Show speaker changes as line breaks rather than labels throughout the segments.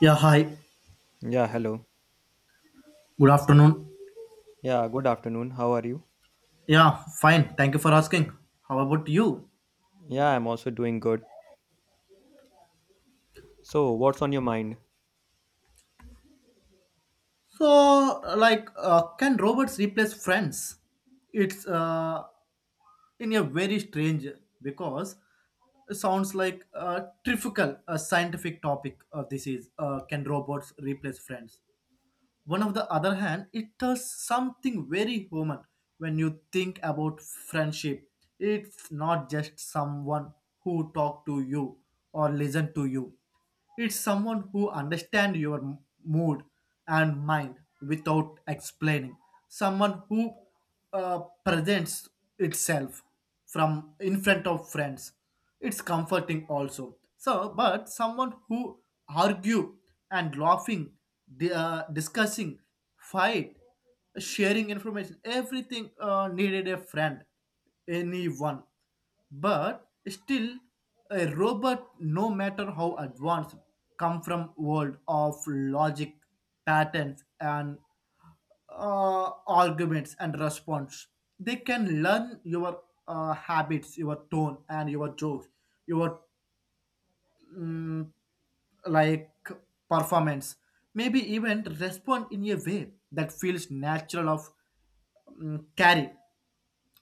Yeah, hi.
Yeah, hello.
Good afternoon.
Yeah, good afternoon. How are you?
Yeah, fine. Thank you for asking. How about you?
Yeah, I'm also doing good. So, what's on your mind?
So, like, can robots replace friends? It's in a very strange, because it sounds like a trivial, a scientific topic. This is can robots replace friends? One of the other hand, it does something very human. When you think about friendship, it's not just someone who talk to you or listen to you. It's someone who understand your mood and mind without explaining, someone who presents itself from in front of friends. It's comforting also, so but someone who argue and laughing, discussing, fight, sharing information, everything needed a friend, anyone. But still, a robot, no matter how advanced, come from world of logic, patterns, and arguments and response. They can learn your habits, your tone, and your jokes, your, like, performance. Maybe even respond in a way that feels natural of carry.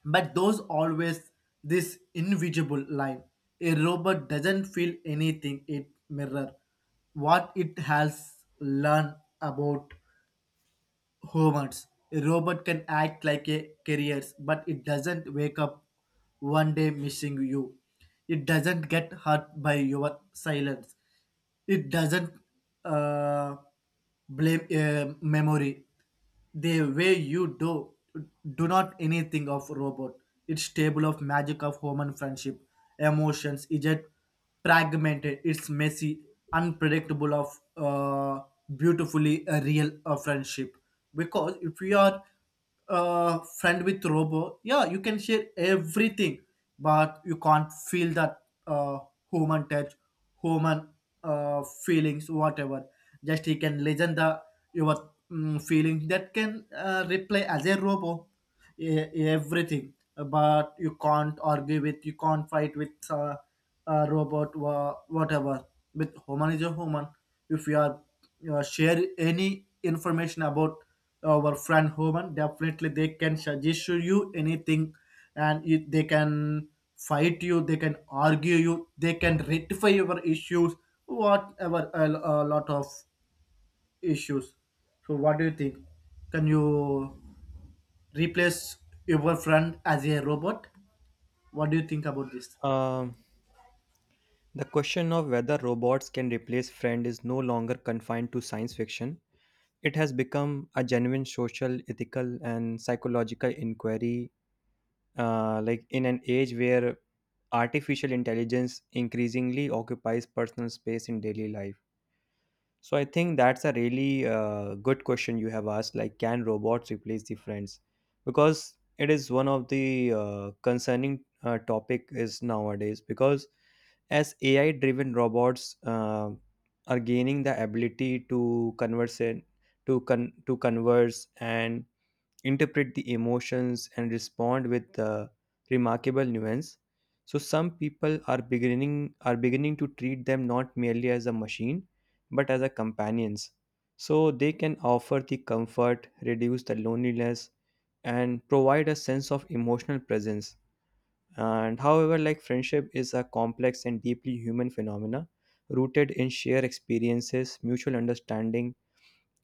But those always this invisible line. A robot doesn't feel anything; it mirror what it has learned about humans. A robot can act like a carrier, but it doesn't wake up one day missing you. It doesn't get hurt by your silence. It doesn't uh, blame a memory the way you do. Do not anything of robot, its table of magic of human friendship. Emotions is yet fragmented, it's messy, unpredictable of beautifully a real friendship. Because if we are friend with robo, yeah, you can share everything, but you can't feel that human touch, human feelings, whatever. Just he can listen the your feelings, that can replay as a robo, everything. But you can't argue with, you can't fight with a robot, whatever. With human is a human. If you are share any information about our friend human, definitely they can suggest you anything. And you, they can fight you, they can argue you, they can rectify your issues, whatever, a lot of issues. So what do you think? Can you replace your friend as a robot? What do you think about this?
Um, the question of whether robots can replace friends is no longer confined to science fiction. It has become a genuine social, ethical, and psychological inquiry. Like in an age where artificial intelligence increasingly occupies personal space in daily life. So I think that's a really good question you have asked. Like, can robots replace the friends? Because it is one of the concerning topic is nowadays. Because as AI-driven robots are gaining the ability to converse, in- to con- to converse and interpret the emotions and respond with remarkable nuance. So some people are beginning to treat them not merely as a machine but as a companions. So they can offer the comfort, reduce the loneliness, and provide a sense of emotional presence. And however, like friendship is a complex and deeply human phenomena, rooted in shared experiences, mutual understanding,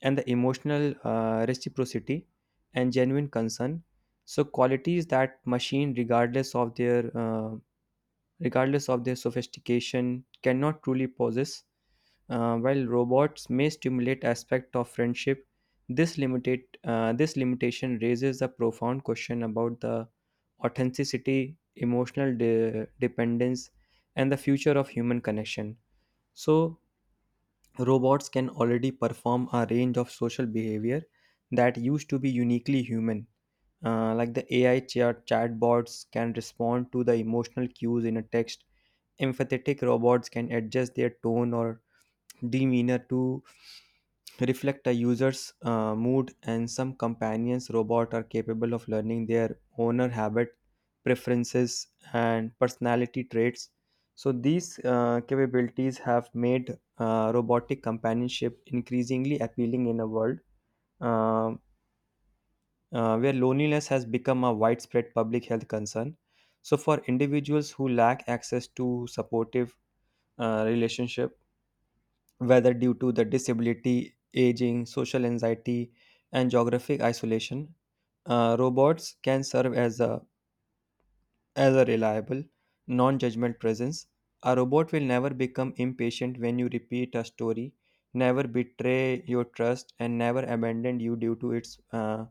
and the emotional reciprocity and genuine concern. So qualities that machine, regardless of their sophistication, cannot truly possess. While robots may stimulate aspect of friendship, this limitation raises a profound question about the authenticity, emotional dependence, and the future of human connection. So robots can already perform a range of social behavior that used to be uniquely human. Like the AI chat chatbots can respond to the emotional cues in a text. Empathetic robots can adjust their tone or demeanor to reflect a user's mood, and some companions robot are capable of learning their owner habit, preferences, and personality traits. So these capabilities have made robotic companionship increasingly appealing in a world, um, where loneliness has become a widespread public health concern. So for individuals who lack access to supportive relationship, whether due to the disability, aging, social anxiety, and geographic isolation. Robots can serve as a reliable, non judgmental presence. A robot will never become impatient when you repeat a story, never betray your trust, and never abandon you due to its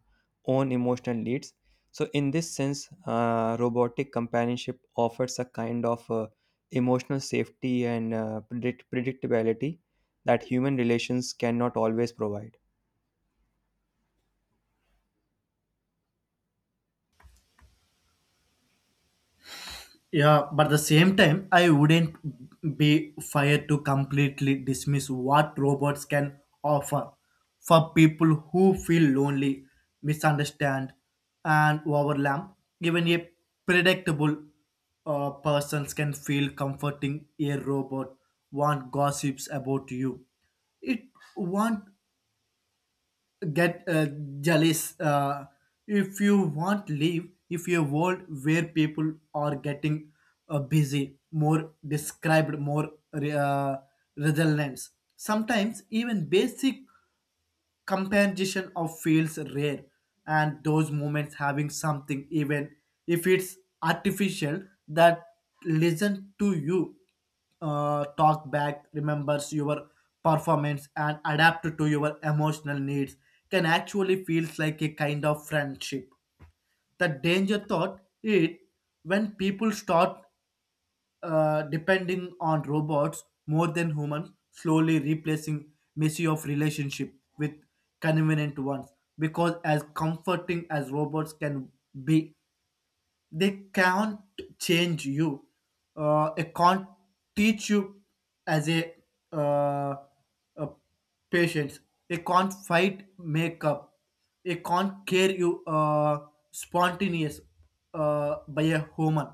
own emotional needs. So, in this sense, robotic companionship offers a kind of emotional safety and predictability that human relations cannot always provide.
Yeah, but the same time I wouldn't be fired to completely dismiss what robots can offer for people who feel lonely, misunderstand, and overwhelmed. Even a predictable persons can feel comforting. A robot won't gossips about you, it won't get jealous. If you want live if a world where people are getting busy, more described, more resilience, sometimes even basic comparison of feels rare. And those moments having something, even if it's artificial, that listen to you, talk back, remembers your performance and adapt to your emotional needs, can actually feels like a kind of friendship. The danger thought it when people start depending on robots more than humans, slowly replacing messy of relationship with convenient ones. Because as comforting as robots can be, they can't change you. They can't teach you as uh, a patient. They can't fight makeup. They can't care you spontaneous by a human.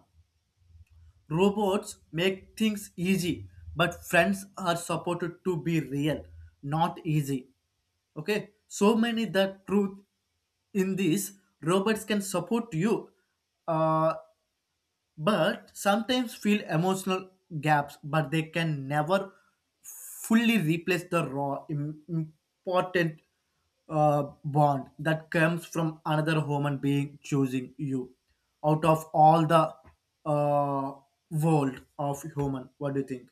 Robots make things easy, but friends are supported to be real, not easy. Okay, so many the truth in this. Robots can support you, uh, but sometimes feel emotional gaps, but they can never fully replace the raw important bond that comes from another human being choosing you out of all the uh, world of human. What do you think?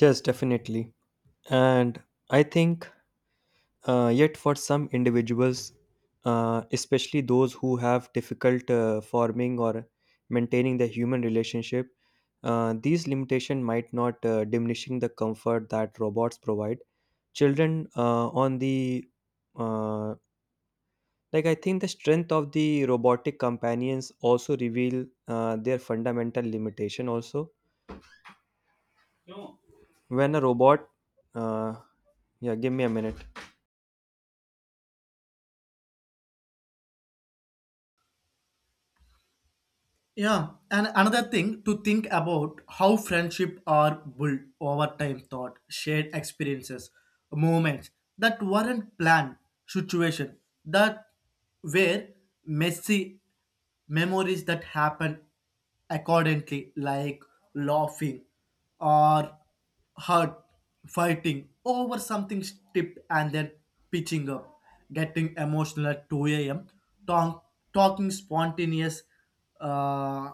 Yes, definitely. And I think yet, for some individuals, especially those who have difficult forming or maintaining the human relationship, these limitations might not diminishing the comfort that robots provide. Children, on the uh, like, I think the strength of the robotic companions also reveal their fundamental limitation. Also, when a robot, uh, yeah, give me a minute.
Yeah, and another thing to think about how friendship are built over time, thought, shared experiences, moments that weren't planned, situation that were messy, memories that happened accordingly, like laughing or hurt, fighting over something stupid and then pitching up, getting emotional at 2 a.m., talk, talking spontaneous uh,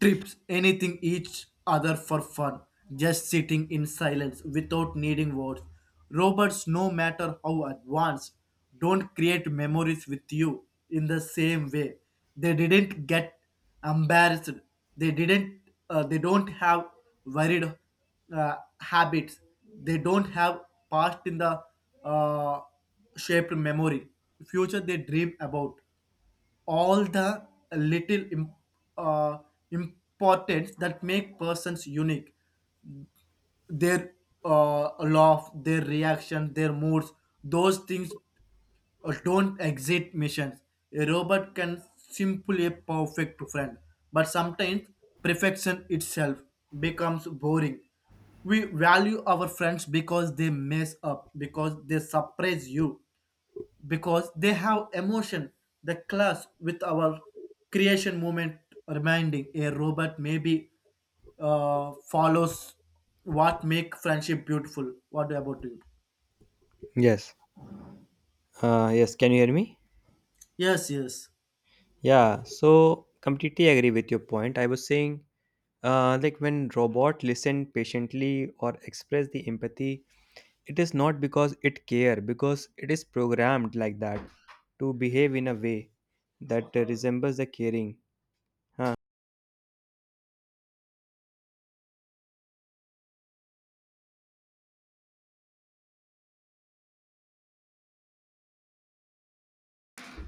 trips, anything each other for fun, just sitting in silence without needing words. Robots, no matter how advanced, don't create memories with you in the same way. They didn't get embarrassed. They didn't. They don't have worried uh, habits. They don't have past in the uh, shaped memory. Future they dream about all the little uh, importance that make persons unique, their laugh, their reaction, their moods. Those things don't exit missions. A robot can simply a perfect friend, but sometimes perfection itself becomes boring. We value our friends because they mess up, because they surprise you, because they have emotion, the clash with our creation moment reminding. A robot maybe follows what make friendship beautiful. What about you?
Yes, yes, can you hear me?
Yes, yes.
Yeah, so completely agree with your point. I was saying, like when robot listen patiently or express the empathy, it is not because it care, because it is programmed like that to behave in a way that resembles the caring. Huh.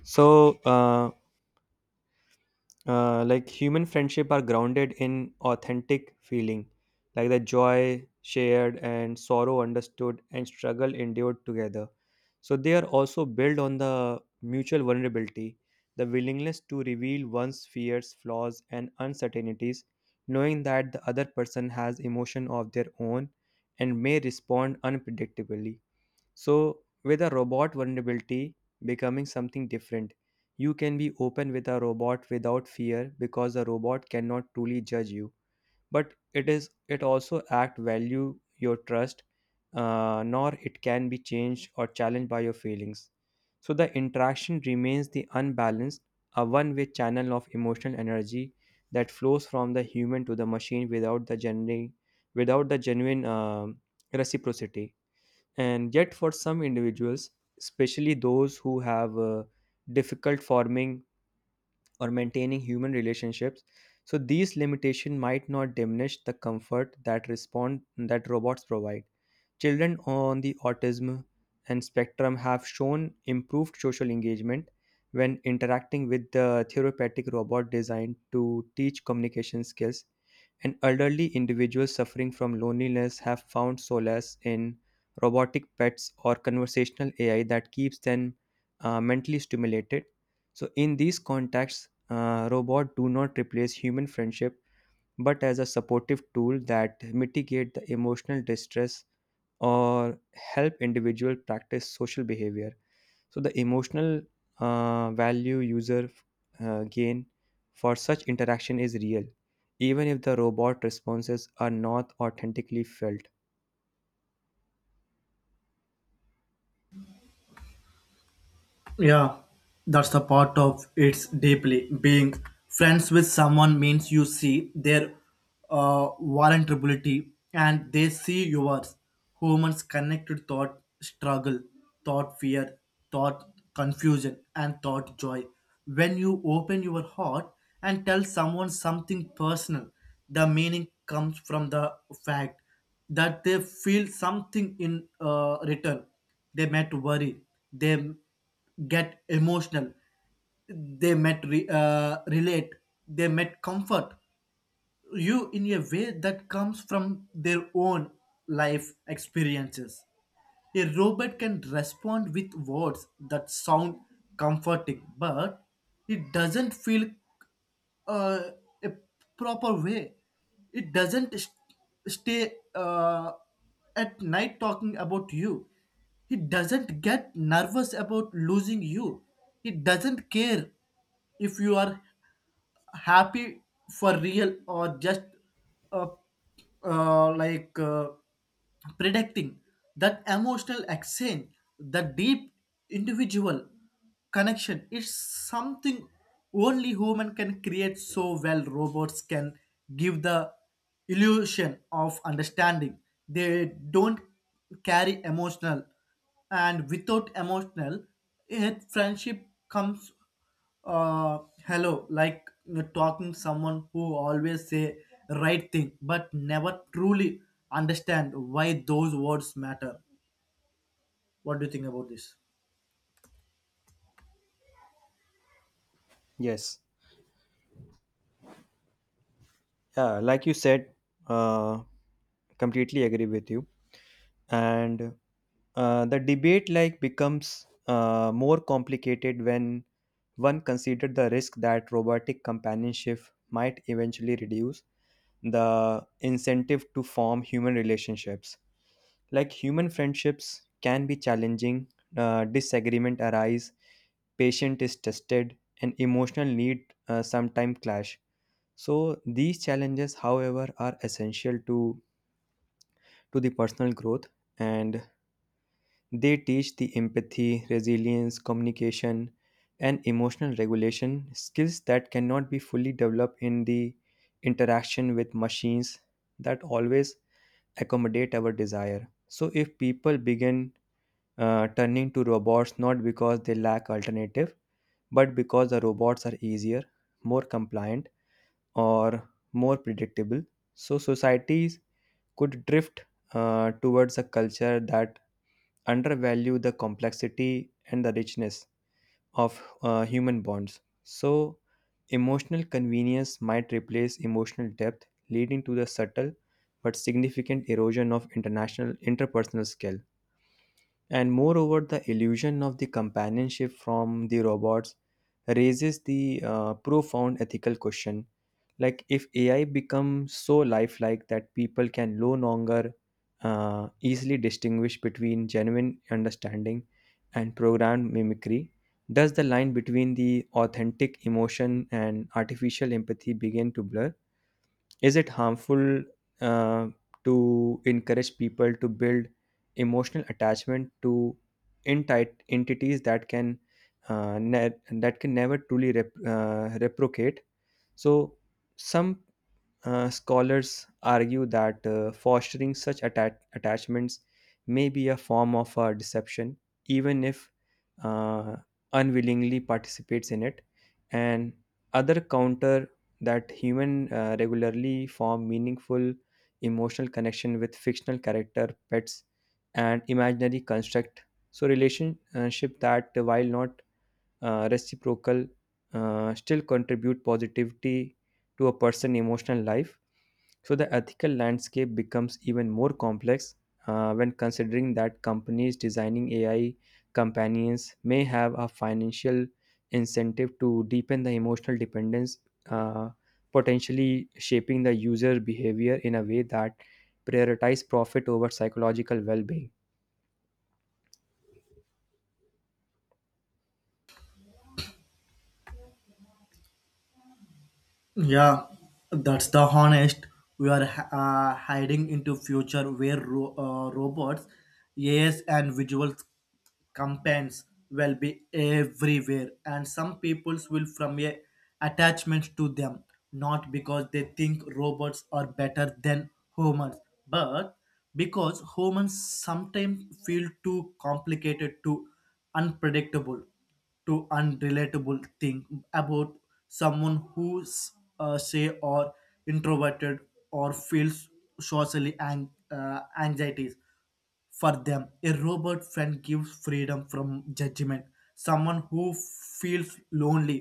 So like human friendship are grounded in authentic feeling, like the joy shared and sorrow understood and struggle endured together. So they are also built on the mutual vulnerability, the willingness to reveal one's fears, flaws, and uncertainties, knowing that the other person has emotion of their own and may respond unpredictably. So, with a robot, vulnerability becoming something different. You can be open with a robot without fear because a robot cannot truly judge you. But it is it also act value your trust, nor it can be changed or challenged by your feelings. So the interaction remains the unbalanced, a one-way channel of emotional energy that flows from the human to the machine without the genuine reciprocity. And yet for some individuals, especially those who have difficult forming or maintaining human relationships, so these limitations might not diminish the comfort that respond that robots provide. Children on the autism and spectrum have shown improved social engagement when interacting with the therapeutic robot designed to teach communication skills, and elderly individuals suffering from loneliness have found solace in robotic pets or conversational AI that keeps them mentally stimulated. So, in these contexts, robots do not replace human friendship but as a supportive tool that mitigate the emotional distress or help individual practice social behavior. So the emotional value user gain for such interaction is real, even if the robot responses are not authentically felt.
Yeah, that's the part of it's deeply. Being friends with someone means you see their vulnerability, and they see yours. Humans connected thought, struggle, thought, fear, thought, confusion, and thought, joy. When you open your heart and tell someone something personal, the meaning comes from the fact that they feel something in return. They might worry. They get emotional, they met relate, they met comfort you in a way that comes from their own life experiences. A robot can respond with words that sound comforting, but it doesn't feel uh, a proper way. It doesn't stay at night talking about you. It doesn't get nervous about losing you. It doesn't care if you are happy for real or just uh, like predicting that emotional exchange. The deep individual connection is something only human can create. So well, robots can give the illusion of understanding, they don't carry emotional, and without emotional a friendship comes uh hello, like we talking someone who always say right thing but never truly understand why those words matter. What do you think about this?
Yes, yeah, like you said, uh, completely agree with you. And the debate like becomes more complicated when one considered the risk that robotic companionship might eventually reduce the incentive to form human relationships. Like human friendships can be challenging. Disagreement arise, patient is tested, and emotional need sometimes clash. So these challenges, however, are essential to the personal growth, and they teach the empathy, resilience, communication, and emotional regulation skills that cannot be fully developed in the interaction with machines that always accommodate our desire. So, if people begin turning to robots not because they lack alternative, but because the robots are easier, more compliant, or more predictable, so societies could drift towards a culture that undervalue the complexity and the richness of human bonds. So, emotional convenience might replace emotional depth, leading to the subtle but significant erosion of international interpersonal skill. And moreover, the illusion of the companionship from the robots raises the profound ethical question, like if ai becomes so lifelike that people can no longer easily distinguish between genuine understanding and programmed mimicry, does the line between the authentic emotion and artificial empathy begin to blur? Is it harmful, uh, to encourage people to build emotional attachment to entight entities that can uh, ne- that can never truly replicate? So some scholars argue that fostering such attachments may be a form of deception, even if uh, unwillingly participates in it. And other counter that human regularly form meaningful emotional connection with fictional character, pets, and imaginary construct. So relationship that, while not reciprocal, still contribute positivity to a person's emotional life. So the ethical landscape becomes even more complex when considering that companies designing ai companions may have a financial incentive to deepen the emotional dependence, uh, potentially shaping the user behavior in a way that prioritize profit over psychological well-being.
Yeah, that's the honest. We are hiding into future where robots, yes, and visual campaigns will be everywhere, and some peoples will from a attachment to them, not because they think robots are better than humans, but because humans sometimes feel too complicated, too unpredictable, to unrelatable thing about someone who's say or introverted or feels socially and anxieties. For them, a robot friend gives freedom from judgment. Someone who feels lonely,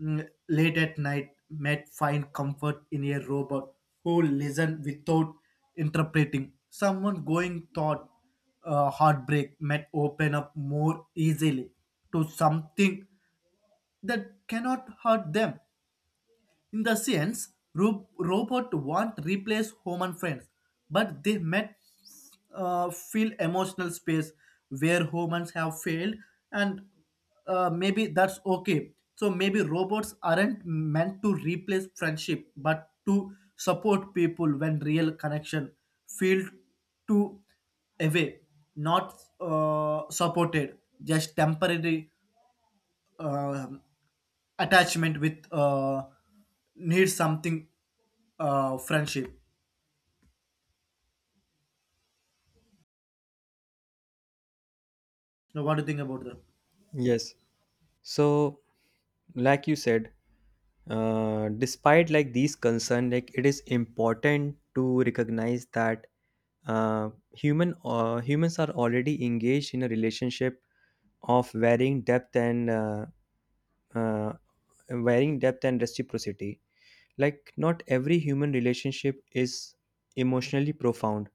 late at night, might find comfort in a robot who listens without interpreting. Someone going thought heartbreak might open up more easily to something that cannot hurt them. In the sense, robot won't replace human friends, but they might fill emotional space where humans have failed, and maybe that's okay. So maybe robots aren't meant to replace friendship, but to support people when real connection feel to away, not supported, just temporary. um Attachment with needs something friendship. Now what do you think about that?
Yes, so like you said, despite like these concerns, like it is important to recognize that humans are already engaged in a relationship of uh, varying depth and reciprocity. Like, not every human relationship is emotionally profound.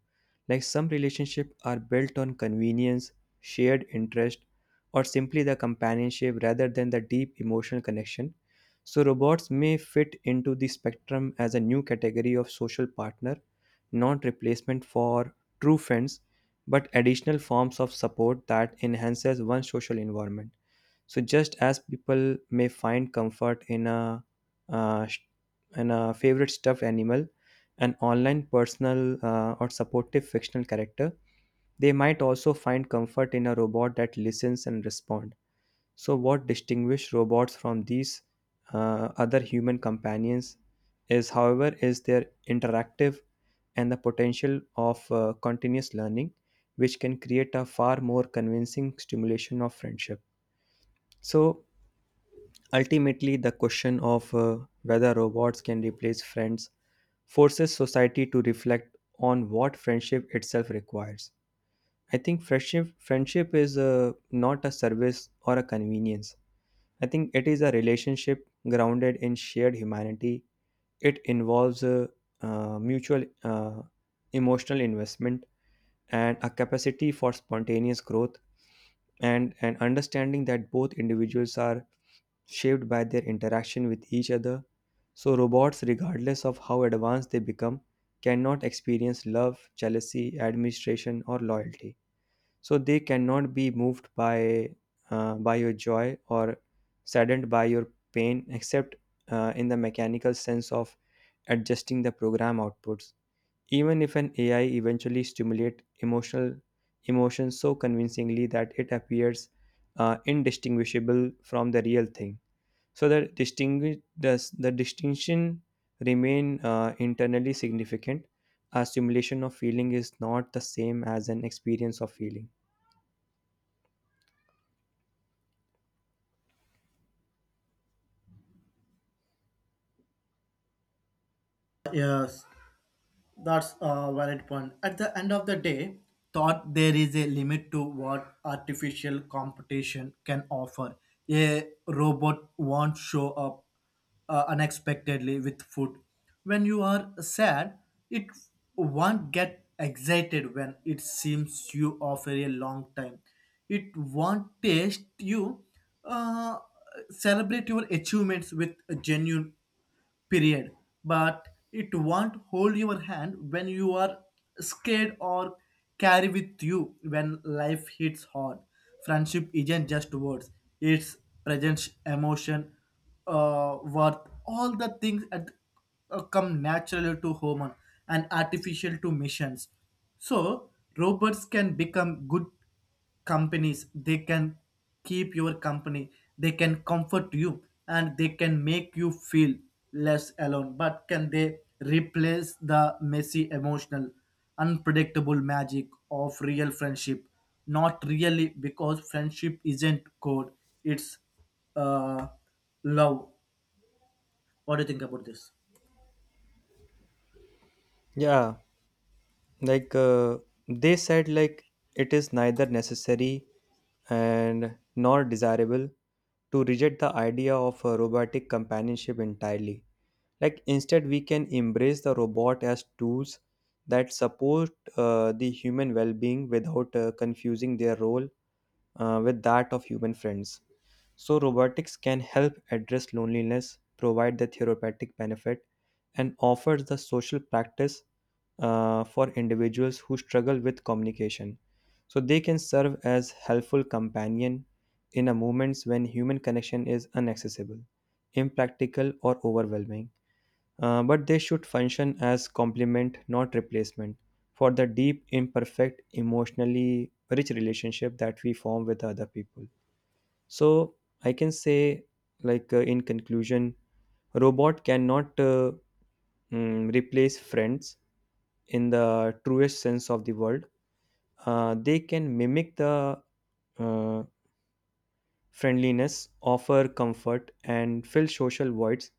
Like, some relationships are built on convenience, shared interest, or simply the companionship rather than the deep emotional connection. So, robots may fit into the spectrum as a new category of social partner, not replacement for true friends, but additional forms of support that enhances one's social environment. So just as people may find comfort in a uh, sh- in a favorite stuffed animal, an online personal or supportive fictional character, they might also find comfort in a robot that listens and responds. So what distinguishes robots from these other human companions is, however, is their interactive and the potential of continuous learning, which can create a far more convincing stimulation of friendship. So ultimately, the question of whether robots can replace friends forces society to reflect on what friendship itself requires. I think friendship is not a service or a convenience. I think it is a relationship grounded in shared humanity. It involves a, mutual emotional investment and a capacity for spontaneous growth and an understanding that both individuals are shaped by their interaction with each other. So, robots, regardless of how advanced they become, cannot experience love, jealousy, administration, or loyalty. So, they cannot be moved by your joy or saddened by your pain, except in the mechanical sense of adjusting the program outputs. Even if an AI eventually stimulates emotional emotions so convincingly that it appears indistinguishable from the real thing, so the distinguish does the distinction remain internally significant? A simulation of feeling is not the same as an experience of feeling.
Yes. That's a valid point. At the end of the day, thought there is a limit to what artificial competition can offer. A robot won't show up unexpectedly with food when you are sad. It won't get excited when it seems you offer a long time. It won't taste you, uh, celebrate your achievements with genuine period, but it won't hold your hand when you are scared or carry with you when life hits hard. Friendship isn't just words, it's presence, emotion, worth, all the things that come naturally to human and artificial to machines. So robots can become good companies, they can keep your company, they can comfort you, and they can make you feel less alone. But can they replace the messy emotional unpredictable magic of real friendship? Not really, because friendship isn't code, it's uh, love. What do you think about this?
Yeah, like they said, like it is neither necessary and nor desirable to reject the idea of a robotic companionship entirely. Like instead, we can embrace the robot as tools that support the human well-being without confusing their role with that of human friends. So, robotics can help address loneliness, provide the therapeutic benefit, and offers the social practice for individuals who struggle with communication. So, they can serve as helpful companion in a moments when human connection is inaccessible, impractical, or overwhelming. But they should function as complement, not replacement, for the deep, imperfect, emotionally rich relationship that we form with other people. So I can say, like in conclusion, robot cannot replace friends in the truest sense of the word. They can mimic the uh, friendliness, offer comfort, and fill social voids,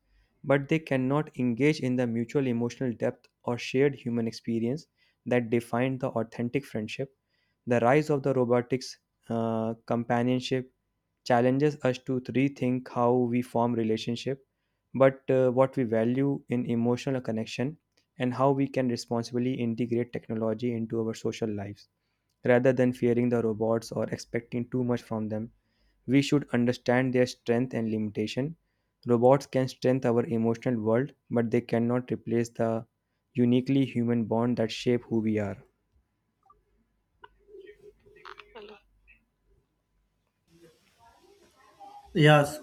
but they cannot engage in the mutual emotional depth or shared human experience that defined the authentic friendship. The rise of the robotics companionship challenges us to rethink how we form relationship, but what we value in emotional connection and how we can responsibly integrate technology into our social lives, rather than fearing the robots or expecting too much from them. We should understand their strength and limitation. Robots can strengthen our emotional world, but they cannot replace the uniquely human bond that shape who we are.
Yes,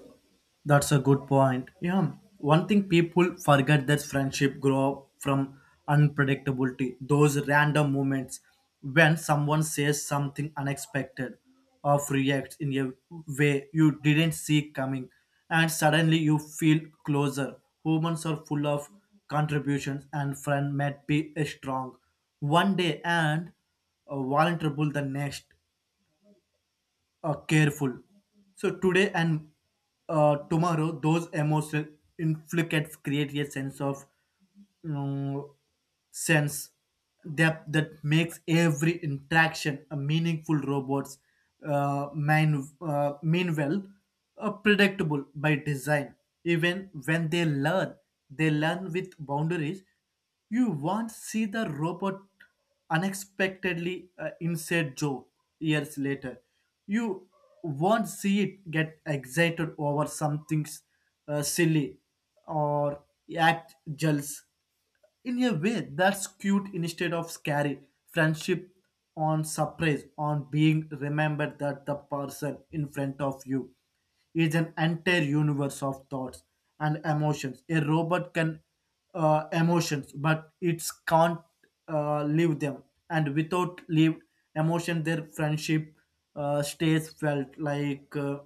that's a good point. Yeah, one thing people forget, that friendship grow up from unpredictability. Those random moments when someone says something unexpected or reacts in a way you didn't see coming, and suddenly you feel closer. Humans are full of contributions, and friend might be strong one day and vulnerable the next, careful. So today and tomorrow, those emotional inflicts create a sense of mm, sense depth that makes every interaction a meaningful. Robots meanwhile predictable by design. Even when they learn with boundaries. You won't see the robot unexpectedly inside joke years later. You won't see it get excited over something silly or act jealous. In a way, that's cute instead of scary. Friendship on surprise, on being remembered that the person in front of you is an entire universe of thoughts and emotions. A robot can emotions, but it can't live them. And without lived emotion, their friendship stays felt like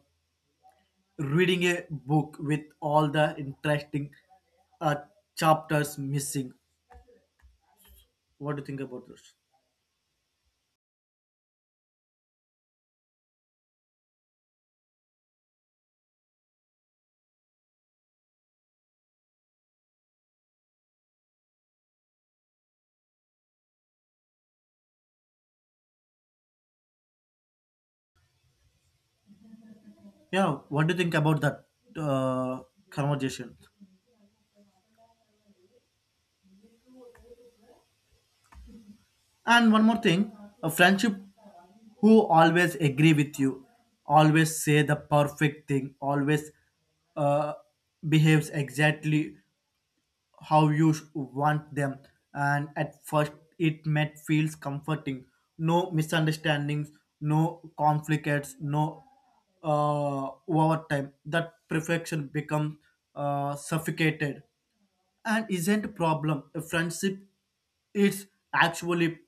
reading a book with all the interesting uh, chapters missing. What do you think about this? Yeah, what do you think about that uh, conversation? And one more thing, a friendship who always agree with you, always say the perfect thing, always uh, behaves exactly how you want them. And at first it may feels comforting, no misunderstandings, no conflicts, no overtime that perfection becomes suffocated. And isn't a problem? A friendship is actually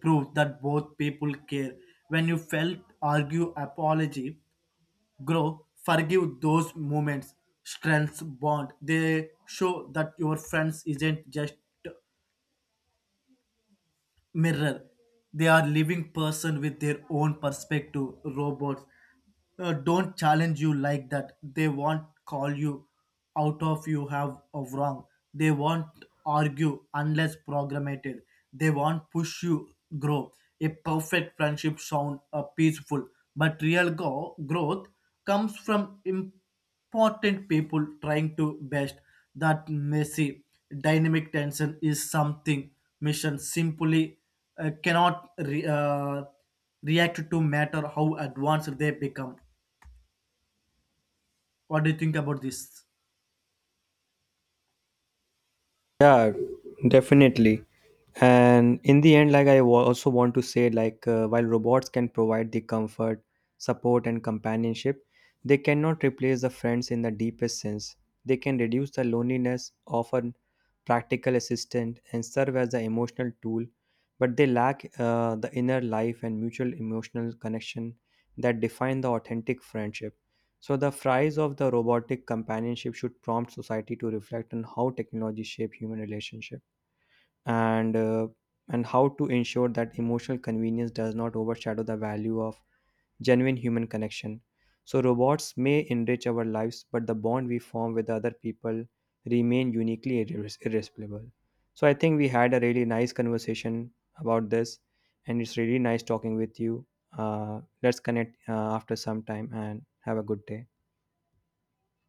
proof that both people care. When you felt argue apology grow, forgive those moments, strengths bond. They show that your friends isn't just mirror. They are living person with their own perspective. Robots don't challenge you like that. They won't call you out of you have of wrong. They won't argue unless programmated. They won't push you grow. A perfect friendship sound peaceful, but real growth comes from important people trying to best that messy dynamic tension. Is something mission simply cannot react to matter how advanced they become. What do you think about this?
Yeah, definitely. And in the end, like also want to say like while robots can provide the comfort, support, and companionship, they cannot replace the friends in the deepest sense. They can reduce the loneliness, offer practical assistance, and serve as the emotional tool, but they lack the inner life and mutual emotional connection that define the authentic friendship. So the price of the robotic companionship should prompt society to reflect on how technology shape human relationship, and uh, and how to ensure that emotional convenience does not overshadow the value of genuine human connection. So robots may enrich our lives, but the bond we form with other people remain uniquely irreplaceable. So I think we had a really nice conversation about this, and it's really nice talking with you. Uh, let's connect after some time and have a good day.